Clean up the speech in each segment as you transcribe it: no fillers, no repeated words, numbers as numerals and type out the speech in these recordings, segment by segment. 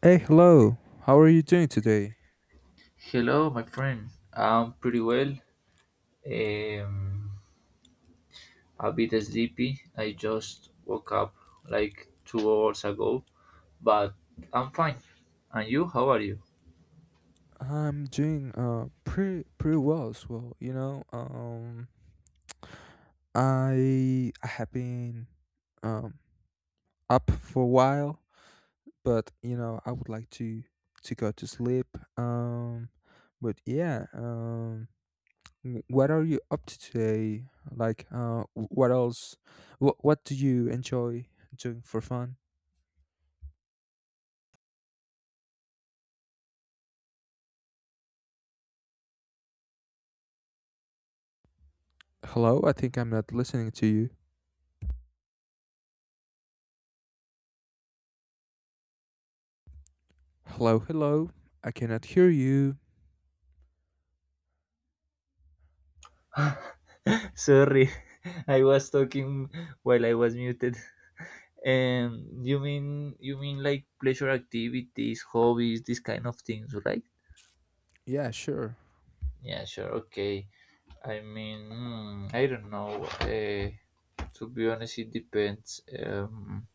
Hey, hello. How are you doing today? Hello, my friend. I'm pretty well. Um, a bit sleepy. I just woke up like 2 hours ago, but I'm fine. And you? How are you? I'm doing pretty well as well. I have been um up for a while, but I would like to go to sleep. But yeah, what are you up to today? Like, what else? What do you enjoy doing for fun? Hello, I think I'm not listening to you. Hello, hello. I cannot hear you. Sorry, I was talking while I was muted. You mean like pleasure activities, hobbies, these kind of things, right? Yeah, sure. Yeah, sure. Okay. I mean, hmm, I don't know. To be honest, it depends.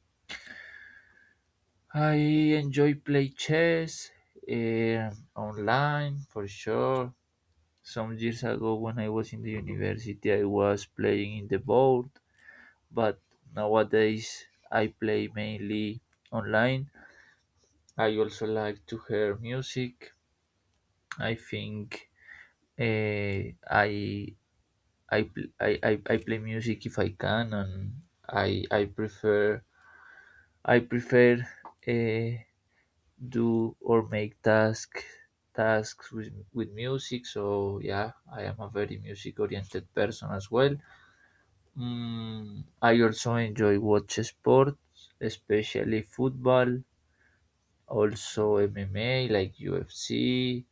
I enjoy play chess eh, online for sure. Some years ago, when I was in the university, I was playing in the board, but nowadays I play mainly online. I also like to hear music. I think eh, I, I play music if I can, and I prefer I prefer uh, do or make tasks with music. So yeah, I am a very music oriented person as well. Mm, I also enjoy watch sports, especially football, also MMA like UFC.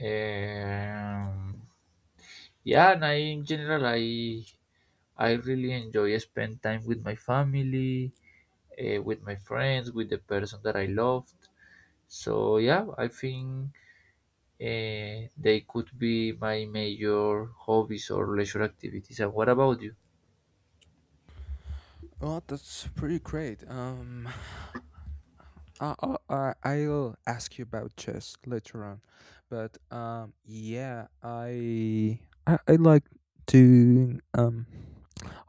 Um, yeah, and I in general I really enjoy spend time with my family, with my friends, with the person that I loved. So yeah, they could be my major hobbies or leisure activities. And what about you? Well, that's pretty great. I, I, I- I'll ask you about chess later on, but yeah, I like doing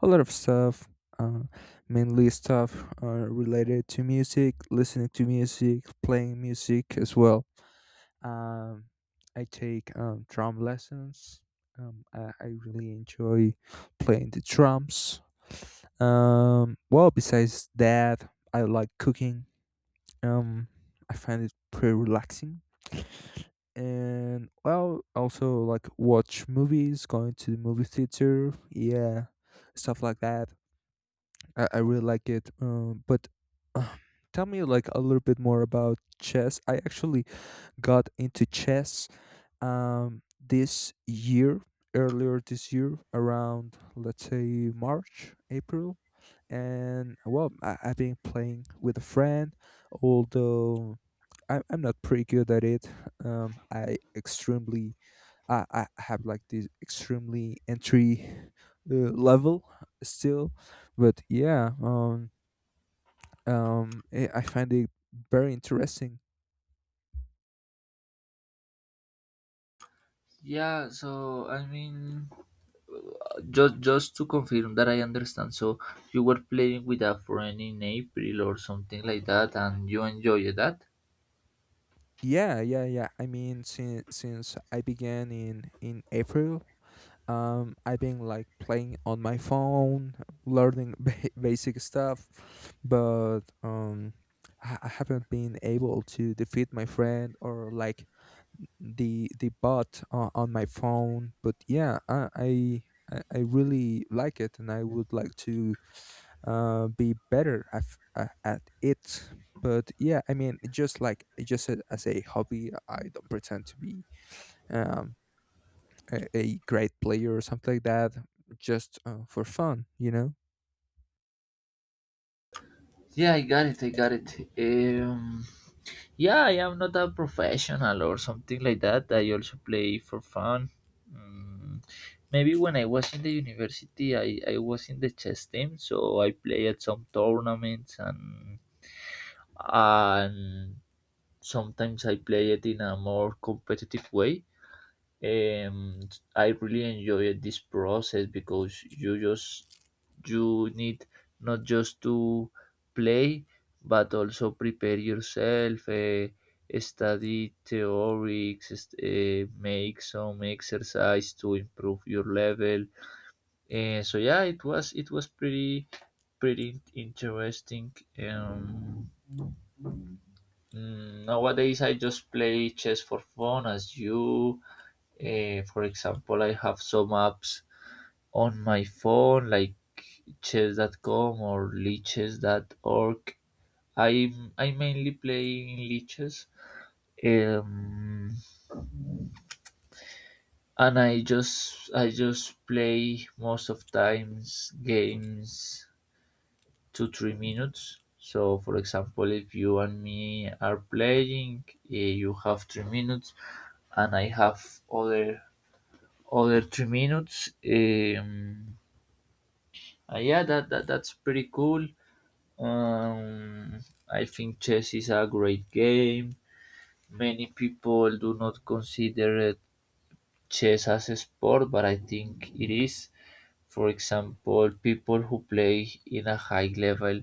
a lot of stuff, uh, mainly stuff related to music, listening to music, playing music as well. Um, I take drum lessons. I really enjoy playing the drums. Well, besides that, I like cooking. Um, I find it pretty relaxing. And well, also like watch movies, going to the movie theater, yeah, stuff like that. I really like it. But uh, tell me like a little bit more about chess. I actually got into chess this year, earlier this year, around let's say March, April, and well, I've been playing with a friend, although I'm not pretty good at it. Um, I extremely, I have like this extremely entry level still, but yeah, I find it very interesting. Yeah, so I mean, just to confirm that I understand. So you were playing with a friend in April or something like that, and you enjoyed that. Yeah, yeah, yeah. I mean, since I began in April, I've been like playing on my phone, learning basic stuff, but I haven't been able to defeat my friend or like the bot on my phone. But yeah, I really like it, and I would like to be better at it. But yeah, I mean, just like as a hobby, I don't pretend to be um, a great player or something like that. Just for fun. Yeah, I got it. I got it. Um, Yeah, I am not a professional or something like that. I also play for fun. Mm, maybe when I was in the university, I was in the chess team, so I play at some tournaments and sometimes I play it in a more competitive way. Um, I really enjoyed this process because you need not just to play but also prepare yourself, study theories, make some exercise to improve your level. So yeah, it was pretty pretty interesting. Um, Nowadays, I just play chess for fun, as you. For example, I have some apps on my phone like chess.com or lichess.org. I mainly play in lichess. Um, and I just play most of times games 2 3 minutes. So for example, if you and me are playing, you have 3 minutes, and I have other 3 minutes. Yeah, that's pretty cool. Um, I think chess is a great game. Many people do not consider chess as a sport, but I think it is. For example, people who play in a high level,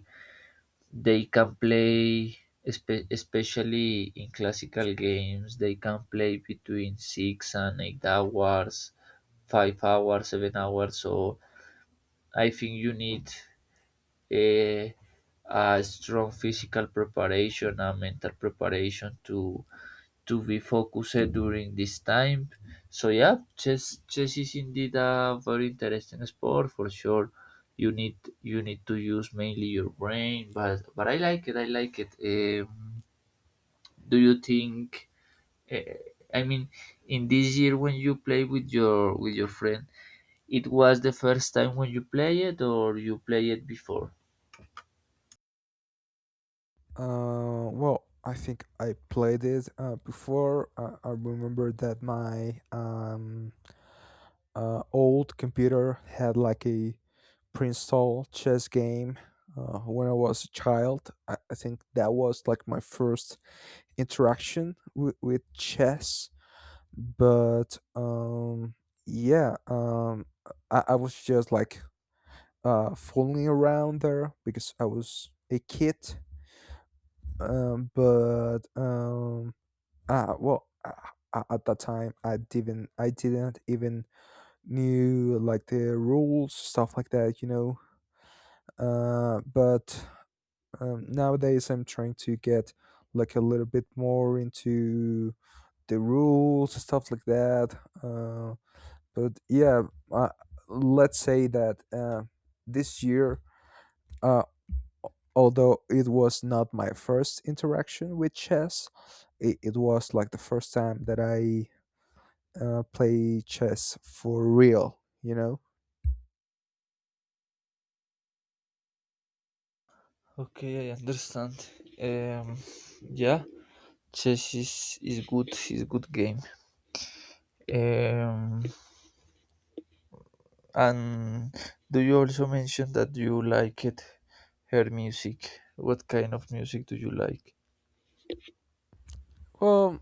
they can play, especially in classical games, they can play between 6 and 8 hours, 5 hours, 7 hours. So I think you need eh, a strong physical preparation and mental preparation to be focused during this time. So yeah, chess is indeed a very interesting sport for sure. You need to use mainly your brain, but I like it. I like it. Do you think? Uh, I mean, in this year when you play with your friend, it was the first time when you play it, or you play it before? Well, I think I played it before. I remember that my old computer had like a pre-installed chess game when I was a child. I think that was like my first interaction with chess, but yeah, I was just like fooling around there because I was a kid, but well, at that time I didn't even knew like the rules, stuff like that, you know. But nowadays I'm trying to get like a little bit more into the rules, stuff like that. Uh, but yeah, uh, let's say that this year, uh, although it was not my first interaction with chess, it was like the first time that I play chess for real, you know? Okay, I understand. Um, yeah, chess is good. Is good game. Um, and do you also mention that you like it? Her music. What kind of music do you like? Well,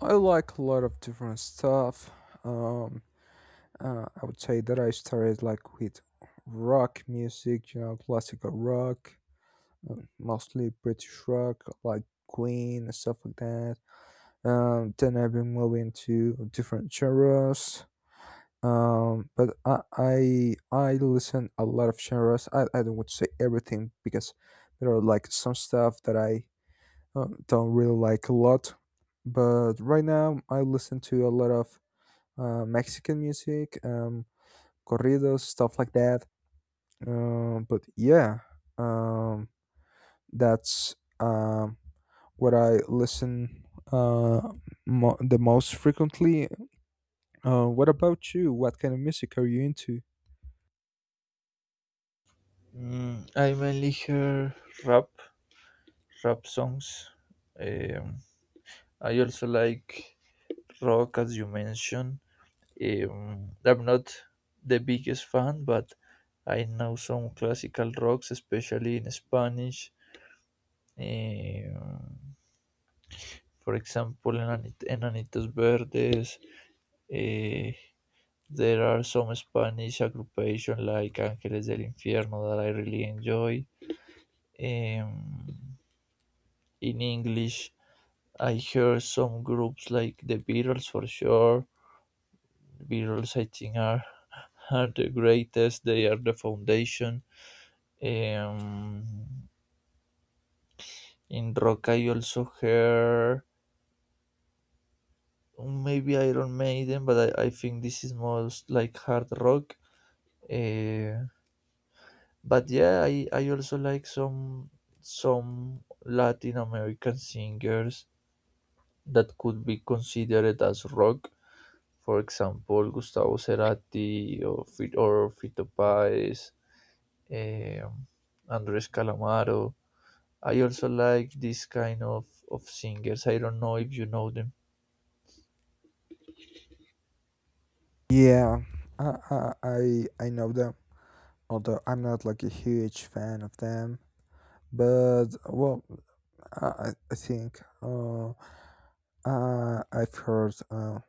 I like a lot of different stuff. Um, I would say that I started like with rock music, you know, classical rock. Mostly British rock, like Queen and stuff like that. Then I've been moving to different genres. But I listen a lot of genres. I don't want to say everything because there are like some stuff that I don't really like a lot. But right now I listen to a lot of Mexican music, corridos, stuff like that. But yeah, um, that's what I listen uh, the most frequently. What about you? What kind of music are you into? Mm, I mainly hear rap, rap songs. Um, I also like rock, as you mentioned. I'm not the biggest fan, but I know some classical rocks, especially in Spanish. eh, for example, in Enanitos Verdes, eh, there are some Spanish aggrupations like Ángeles del Infierno that I really enjoy. Um, in English, I hear some groups like the Beatles for sure. The Beatles, I think, are the greatest, they are the foundation. Um, in rock, I also hear or maybe Iron Maiden, but I think this is most like hard rock. Uh, but yeah, I also like some Latin American singers that could be considered as rock. For example, Gustavo Cerati or Fito Páez, um, Andres Calamaro. I also like this kind of singers. I don't know if you know them. Yeah, I know them. Although I'm not like a huge fan of them, but well, I think I've heard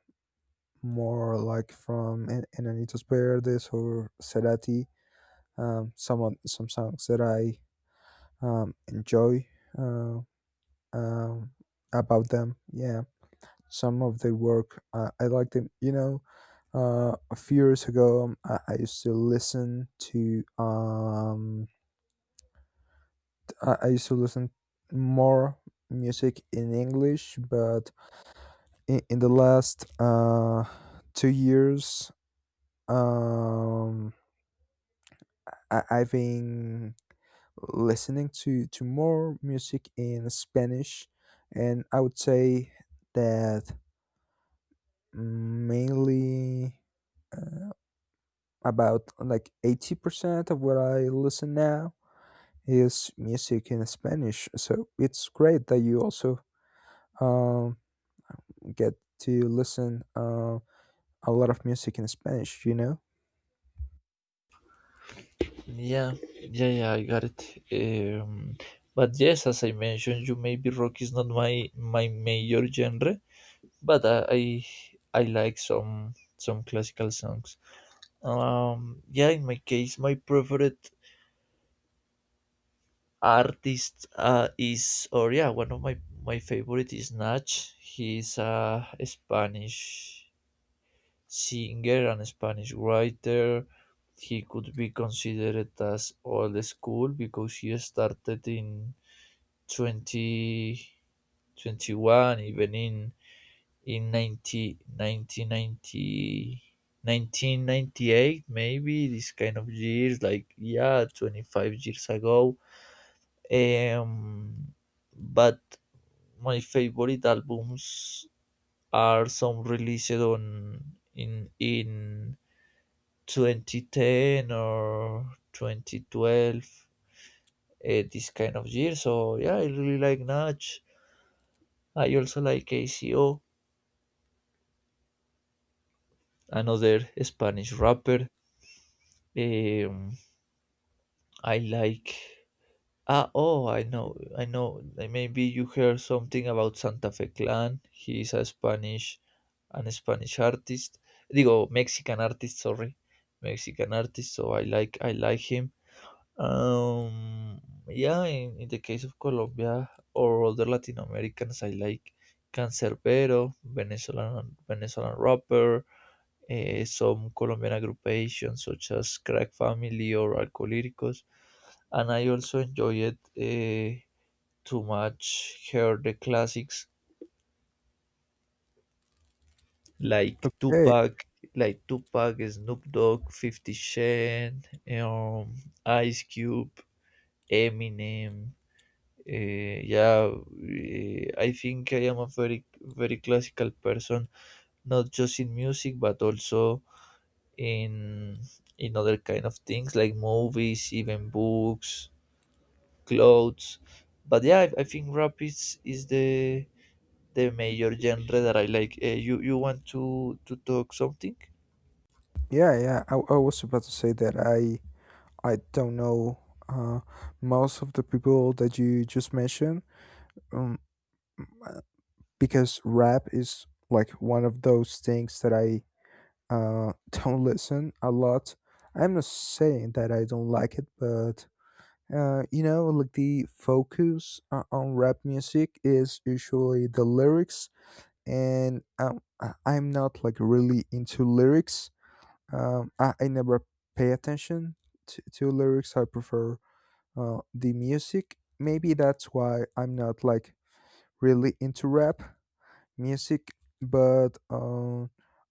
more like from Enanitos Verdes or Cerati, some songs that I enjoy. Um, um, about them. Yeah, some of their work I like them. You know, a few years ago, I used to listen more music in English, but in the last 2 years, um, I've been listening to more music in Spanish, and I would say that mainly about like 80% of what I listen now is music in Spanish. So it's great that you also um, get to listen a lot of music in Spanish, you know? Yeah, yeah, I got it. But yes, as I mentioned, you maybe rock is not my major genre, but I like some classical songs. Yeah, in my case, my preferred artist is or yeah, one of my favorite is Nach. He's a Spanish singer and Spanish writer. He could be considered as old school because he started in 2021, even in in 90, 1998, maybe this kind of years, like yeah, 25 years ago. Um, but my favorite albums are some released on in 2010 or 2012, this kind of year. So yeah, I really like Natch. I also like Aco, another Spanish rapper. Um, I like. Oh, I know, I know. Like, maybe you heard something about Santa Fe Clan. He is a Spanish, an Spanish artist. Digo, Mexican artist. Sorry, Mexican artist. So I like him. Um, yeah. In the case of Colombia or other Latin Americans, I like Cancerbero, Venezuelan rapper. Some Colombian aggregations such as Crack Family or Alcohólicos, and I also enjoyed to much hear the classics like Hey, Tupac, like Tupac, Snoop Dogg, Fifty Cent, um, Ice Cube, Eminem. eh, yeah, I think I am a very very classical person, not just in music but also in other kind of things like movies, even books, clothes. But yeah, I think rap is the major genre that I like. You want to talk something? yeah, yeah. I was about to say that I don't know uh, most of the people that you just mentioned, um, uh, because rap is like one of those things that I don't listen a lot. I'm not saying that I don't like it, but you know, like the focus on rap music is usually the lyrics, and I'm not like really into lyrics. I never pay attention to lyrics. I prefer the music. Maybe that's why I'm not like really into rap music, but uh,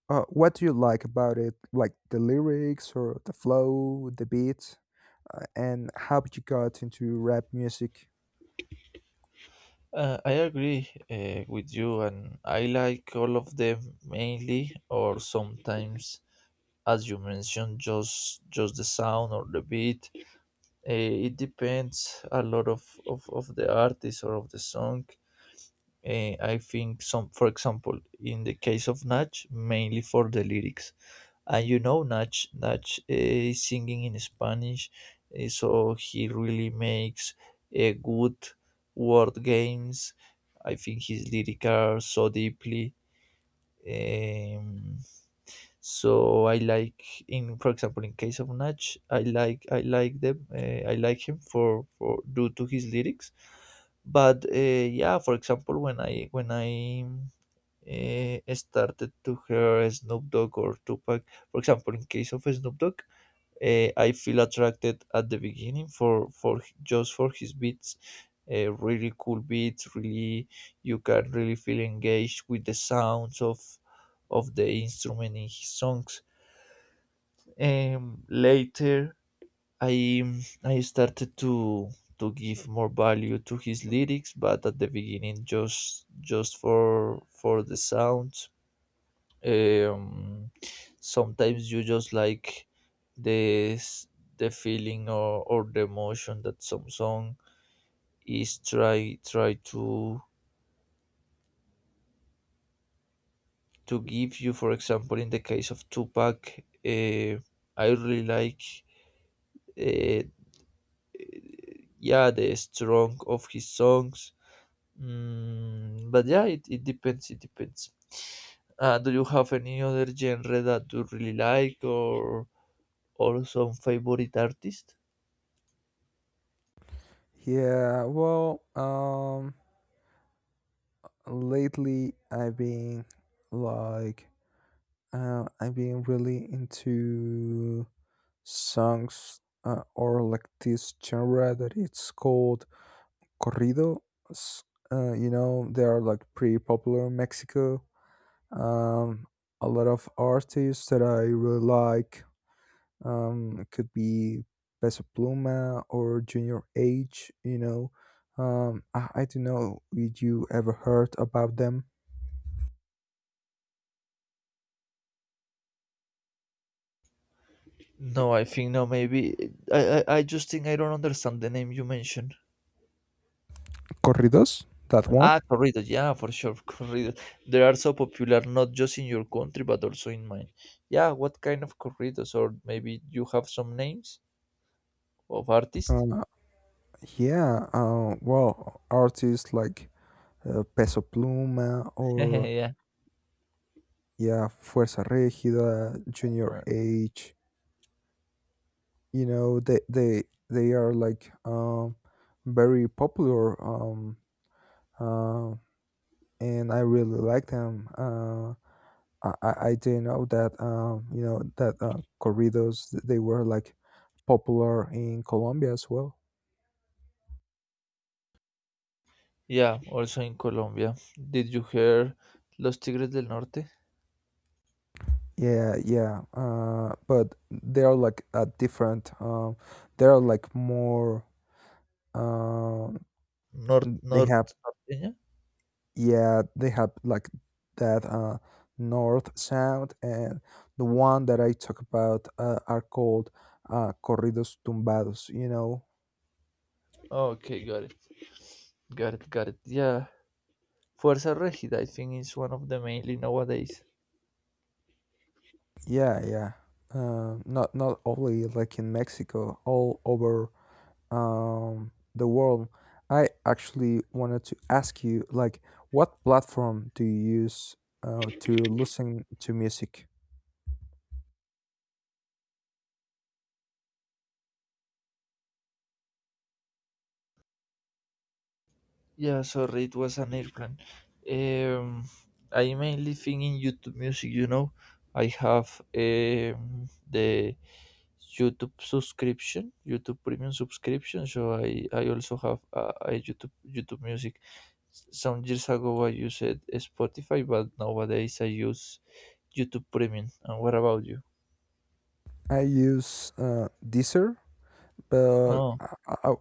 uh, what do you like about it? Like the lyrics or the flow, the beat, and how you got into rap music? I agree with you, and I like all of them mainly, or sometimes, as you mentioned, just the sound or the beat. Uh, it depends a lot of the artist or of the song. I think some, for example, in the case of Nach, mainly for the lyrics. And you know, Nach is singing in Spanish, so he really makes a good word games. I think his lyrics are so deeply. Um, so I like, in for example, in case of Nach, I like them, I like him for due to his lyrics. But yeah, for example, when I started to hear Snoop Dogg or Tupac. For example, in case of Snoop Dogg, I feel attracted at the beginning for just for his beats, really cool beats. Really, you can really feel engaged with the sounds of the instrument in his songs. Later, I I started to give more value to his lyrics, but at the beginning, just for the sounds. um, Sometimes you just like this the feeling or the emotion that some song is try to give you. For example, in the case of Tupac, uh, I really like, uh, yeah, the strong of his songs. Mm, but yeah, it depends. Do you have any other genre that you really like or some favorite artist? Yeah, well, lately like, I've been really into songs or like this genre that it's called corrido. S- you know, they are like pretty popular in Mexico. Um, a lot of artists that I really like could be Peso Pluma or Junior H. You know, I don't know if you ever heard about them. No, I think no. Maybe I just think I don't understand the name you mentioned. Corridos, that one. Ah, corridos. Yeah, for sure, corridos. They are so popular, not just in your country, but also in mine. Yeah, what kind of corridos? Or maybe you have some names of artists? Uh, yeah, well, artists like Peso Pluma or Yeah, yeah, Fuerza Regida, Junior uh, H. You know, they are like very popular. Um, and I really like them. I didn't know that you know that corridos they were like popular in Colombia as well. yeah. Also in Colombia, did you hear Los Tigres del Norte? Yeah, yeah. But they are like a different. They are like more. Um, North, they North, have Norteña? Yeah, they have like that north sound, and the one that I talk about are called corridos tumbados. You know, Okay, got it. Yeah, Fuerza Regida. I think is one of the mainly nowadays. yeah, yeah. Not only like in Mexico, all over the world. I actually wanted to ask you, like, what platform do you use to listen to music? Yeah, sorry, it was an airplane. Um, I mainly think in YouTube Music, you know. I have the YouTube subscription, YouTube Premium subscription, so I also have a YouTube YouTube Music. Some years ago I used Spotify, but nowadays I use YouTube Premium. And what about you? I use Deezer, but Oh, I, I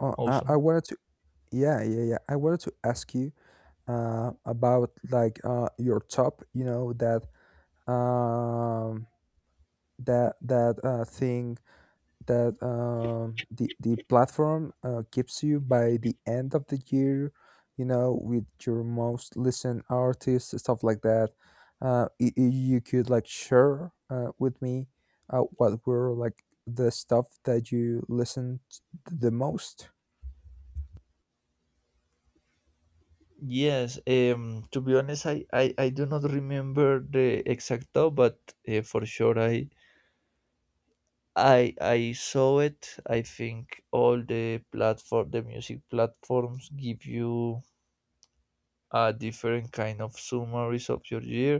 I awesome. wanted to, yeah, yeah, yeah. I wanted to ask you about like your top, you know, um, that thing that the platform gives you by the end of the year, you know, with your most listened artists, stuff like that. Y- y- you could like share with me what were like the stuff that you listened the most. Yes, to be honest, I do not remember the exact top, but for sure I I saw it. I think all the platform, the music platforms give you a different kind of summaries of your year.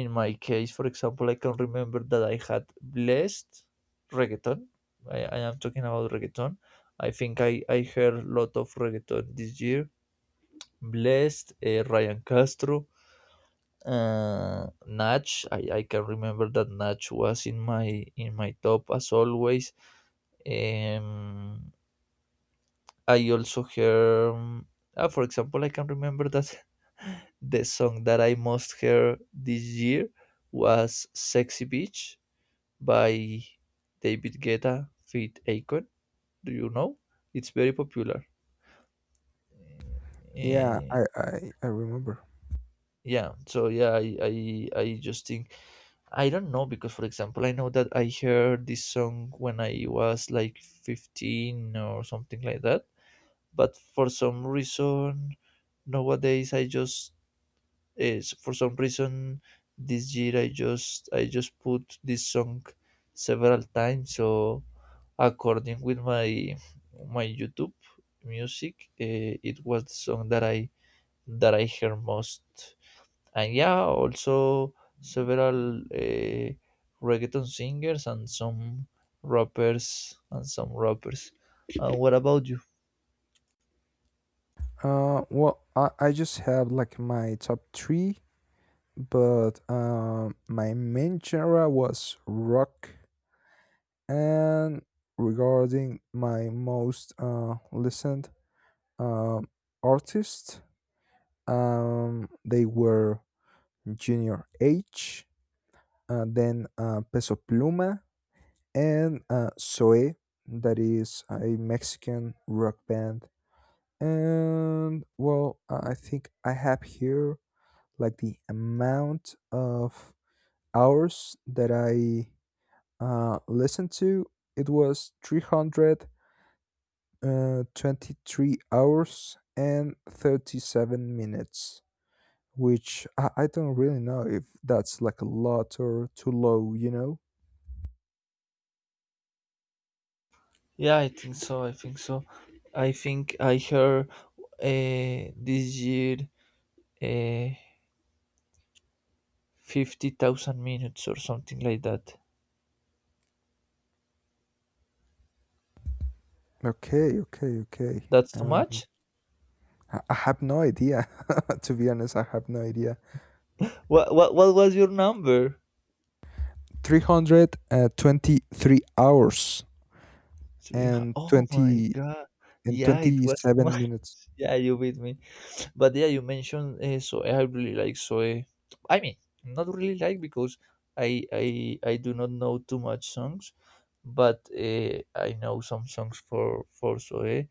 In my case, for example, I can remember that I had blessed reggaeton. I am talking about reggaeton. I think I heard a lot of reggaeton this year. Blessed, Ryan Castro, Natch. I can remember that Natch was in my top as always. Um, I also hear, for example, I can remember that the song that I most heard this year was "Sexy Beach" by David Guetta feat. Akon. Do you know? It's very popular. Yeah, Eh, I remember. yeah. So yeah, I just think I don't know because, for example, I know that I heard this song when I was like 15 or something like that. But for some reason, nowadays I just, is for some reason, this year I just put this song several times. So according with my YouTube music, it was the song that I hear most. And yeah, also several reggaeton singers and some rappers. And what about you? Well, I just have like my top three, but my main genre was rock. And regarding my most listened um, artists, they were Junior H, then Peso Pluma, and Zoe, that is a Mexican rock band. And well, I think I have here like the amount of hours that I listened to. It was 300 23 hours and 37 minutes, which I don't really know if that's like a lot or too low, you know? Yeah, I think so. I think so. I think I heard this year, uh, 50,000 minutes or something like that. Okay, okay, okay. That's too Um, much? I, I have no idea. To be honest, I have no idea. What was your number? 323 hours and Oh my 20 God. and Yeah, it was too much. 27 minutes. Yeah, you beat me. But yeah, you mentioned Zoe. I really like Zoe. I mean, not really like because I do not know too much songs, but I know some songs for, Zoe.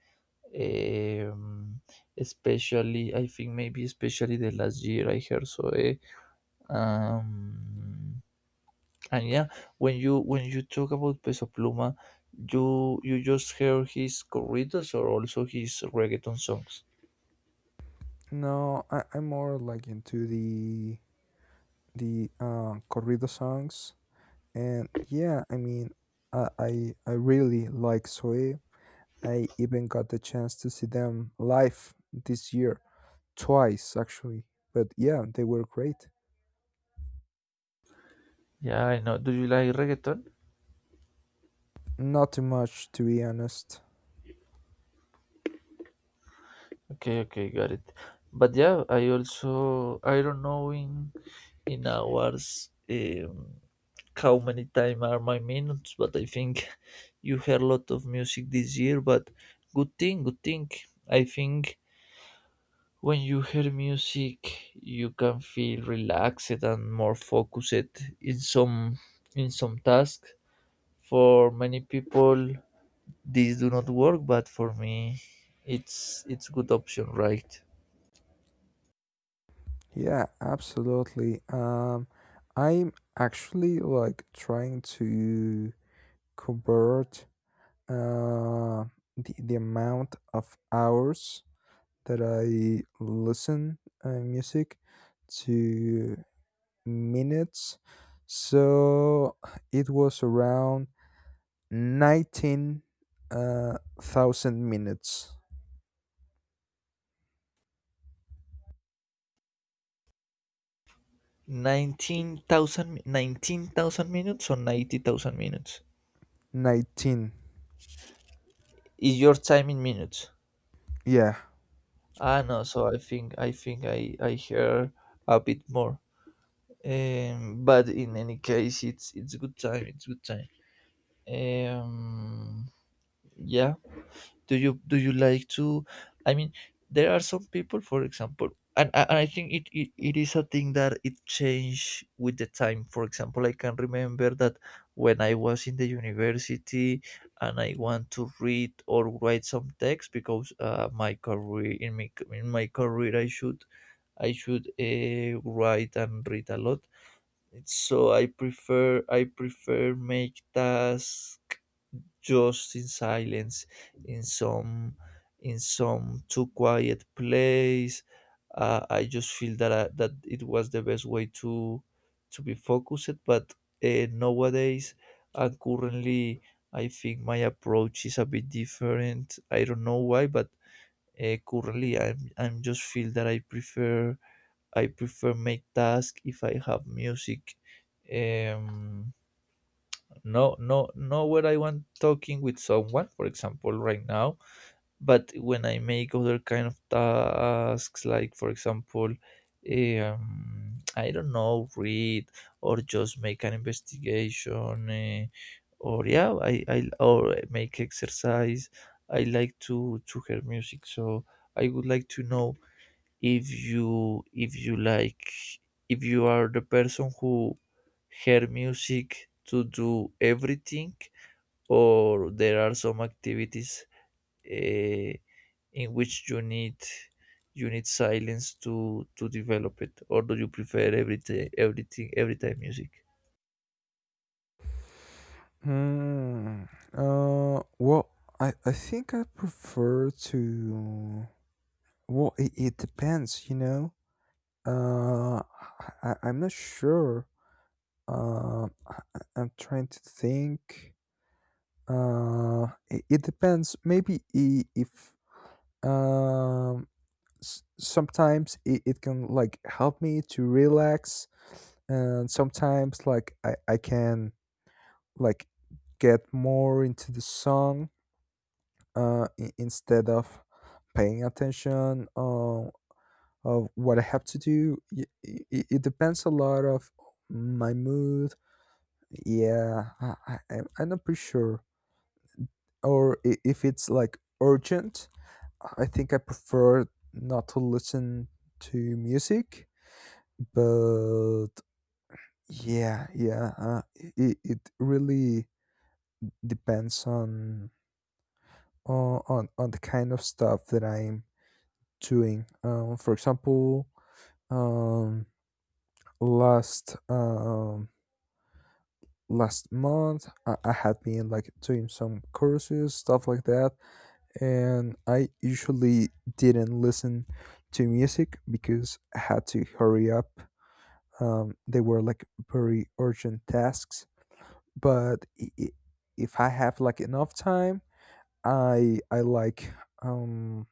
Um, especially, I think maybe especially the last year I heard Zoe. Um, and yeah, when you talk about Peso Pluma, you just hear his corridos or also his reggaeton songs. No, I'm more like into the corrido songs. And yeah, I mean, I really like Zoe. I even got the chance to see them live this year twice actually. But yeah, they were great. Yeah, I know. Do you like reggaeton? Not too much to be honest. Okay, okay, got it. But yeah, I also, I don't know in hours, how many time are my minutes, but I think you hear a lot of music this year. But good thing, good thing. I think when you hear music, you can feel relaxed and more focused in some tasks. For many people, these do not work, but for me, it's good option, right? Yeah, absolutely. I'm actually like trying to convert uh the amount of hours that I listen music to minutes. So it was around 19 thousand minutes. 19,000, 19,000 minutes or 90,000 minutes? 19. Is your time in minutes? Yeah. Ah, no, so I think, I hear a bit more. But in any case, it's good time. It's good time. Um, yeah, do you like to, I mean, there are some people, for example, and I think it is a thing that it changed with the time. For example, I can remember that when I was in the university and I want to read or write some text because, my career, in my career, I should, write and read a lot. So I prefer, make tasks just in silence, in some too quiet place. I just feel that, that it was the best way to be focused. But nowadays and currently, I think my approach is a bit different. I don't know why, but currently, I'm just feel that I prefer, make task if I have music. um no, no nowhere, I want talking with someone, for example right now. But when I make other kind of tasks, like for example, I don't know, read or just make an investigation, or yeah, I or make exercise. I like to hear music. So I would like to know, if you, if you are the person who hear music to do everything, or there are some activities uh, in which you need, silence to develop it, or do you prefer everything, every time music. Hmm. Well, I think I prefer to. Well, it depends, you know? Uh, I'm not sure. I'm trying to think. It depends. Maybe I- if um s- sometimes it can like help me to relax, and sometimes like I can like get more into the song instead of paying attention on of what I have to do. It depends a lot of my mood. Yeah, I'm not pretty sure. Or if it's like urgent, I think I prefer not to listen to music, but yeah, yeah. It really depends on the kind of stuff that I'm doing. For example, um, last um last month I had been like doing some courses, stuff like that, and I usually didn't listen to music because I had to hurry up. They were like very urgent tasks, but if I have like enough time, I I like um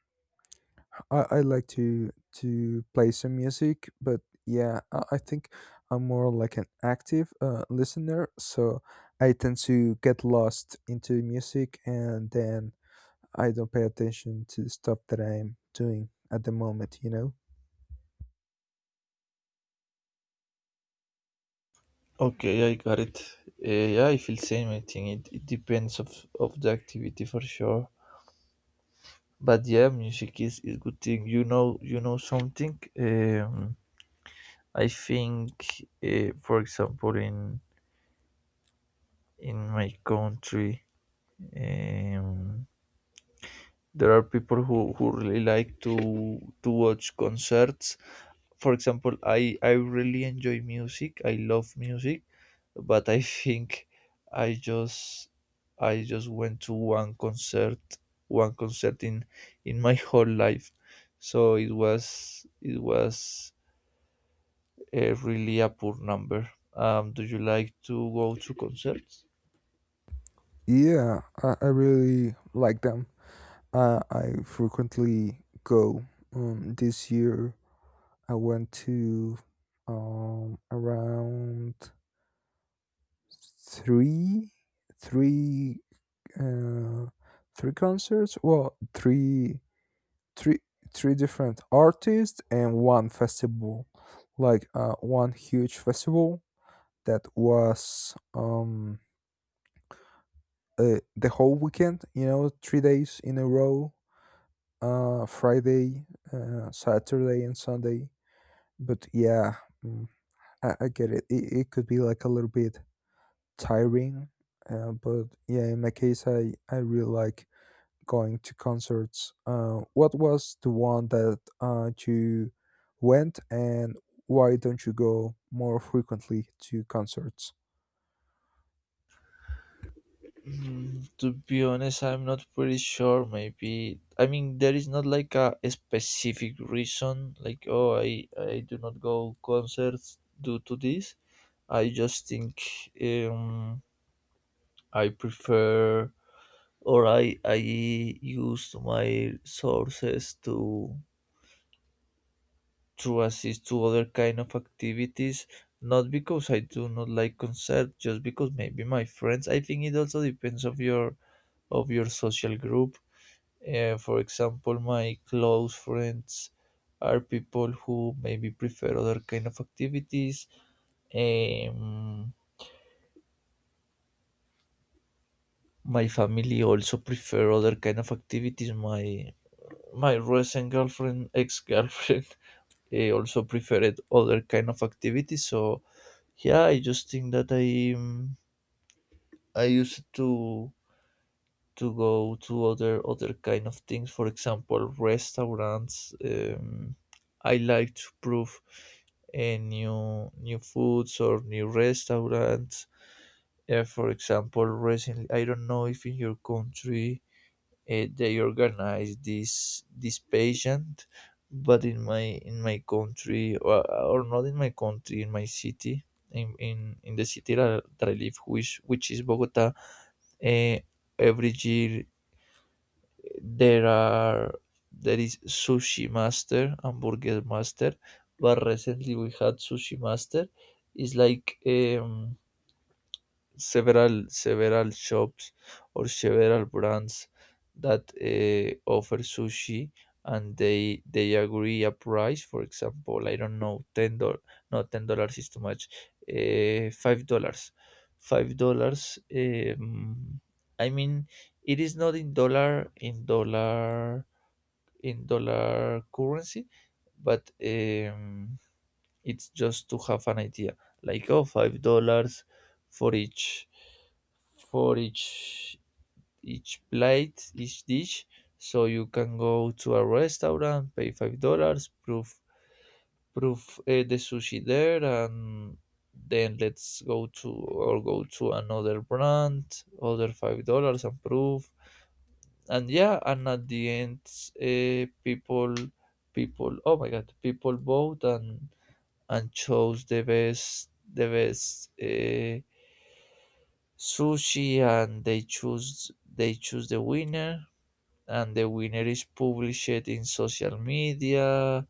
I like to play some music. But yeah, I think I'm more like an active listener, so I tend to get lost into music, and then I don't pay attention to the stuff that I'm doing at the moment. You know? Okay, I got it. Yeah, I feel same. I think it depends of the activity for sure. But yeah, music is good thing, you know, you know something. I think, for example, in my country, um there are people who really like to watch concerts. For example, I really enjoy music. I love music, but I think, I just I just went to one concert, in my whole life. So it was, it was a really a poor number. Do you like to go to concerts? Yeah, I really like them. I frequently go. This year I went to around three, three, uh, three concerts. Well, three, three different artists and one festival, like one huge festival that was the whole weekend. You know, 3 days in a row. Friday, Saturday, and Sunday. But yeah, mm, I get it. It could be like a little bit tiring. But yeah, in my case, I really like going to concerts. What was the one that you went and why don't you go more frequently to concerts? To be honest, I'm not pretty sure. Maybe, I mean, there is not like a specific reason. Like, oh, I do not go concerts due to this. I just think, um I prefer, or I use my sources to assist to other kind of activities. Not because I do not like concerts, just because maybe my friends. I think it also depends of your social group. For example, my close friends are people who maybe prefer other kind of activities. Um, my family also prefer other kind of activities. My recent girlfriend, ex girlfriend, also preferred other kind of activities. So yeah, I just think that I used to go to other kind of things, for example restaurants. I like to prove, new foods or new restaurants. For example, recently, I don't know if in your country they organize this pageant, but in my country, or, not in my country, in my city, in the city that I live, which is Bogota. Uh, every year, there are, there is Sushi Master and Burger Master, but recently we had Sushi Master. It's like, several shops or several brands that offer sushi, and they agree a price, for example, I don't know, $10. No, $10 is too much. $5. 5 dollars um, I mean, it is not in dollar, in dollar currency, but, it's just to have an idea, like, oh, $5 for each, for each plate, each dish. So you can go to a restaurant, pay $5, proof, the sushi there, and then let's go to or go to another brand, other $5, and proof. And yeah, and at the end, uh, people people oh my God, people vote and chose the best, sushi, and they choose the winner, and the winner is published in social media.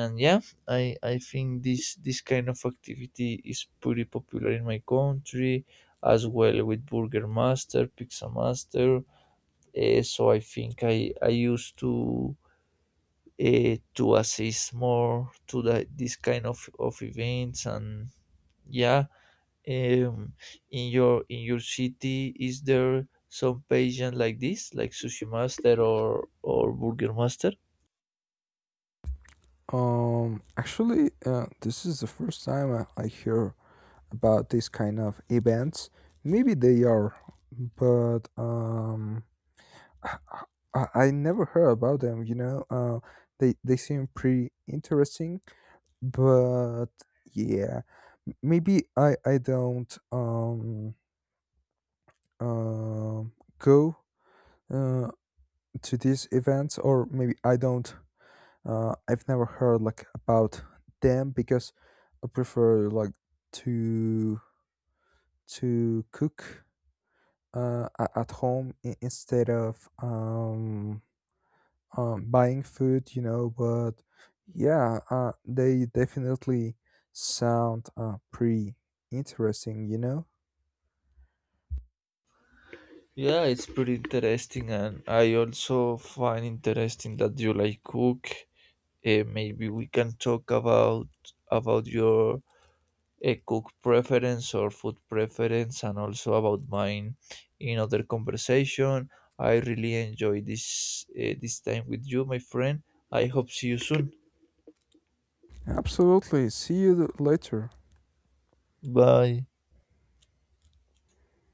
And yeah, I think this kind of activity is pretty popular in my country, as well with Burger Master, Pizza Master. So I think I used to, to assist more to this kind of events. And yeah. Um, in your city, is there some pageant like this, like Sushi Master or Burger Master? Actually, this is the first time I hear about this kind of events. Maybe they are, but I never heard about them. You know, they seem pretty interesting. But yeah, maybe I don't um go uh to these events, or maybe I've never heard like about them because I prefer like to to cook at home, instead of buying food, you know. But yeah, they definitely sound pretty interesting, you know. Yeah, it's pretty interesting, and I also find interesting that you like cook. Maybe we can talk about, your cook preference or food preference, and also about mine in other conversation. I really enjoy this, this time with you, my friend. I hope see you soon. Absolutely. See you later. Bye.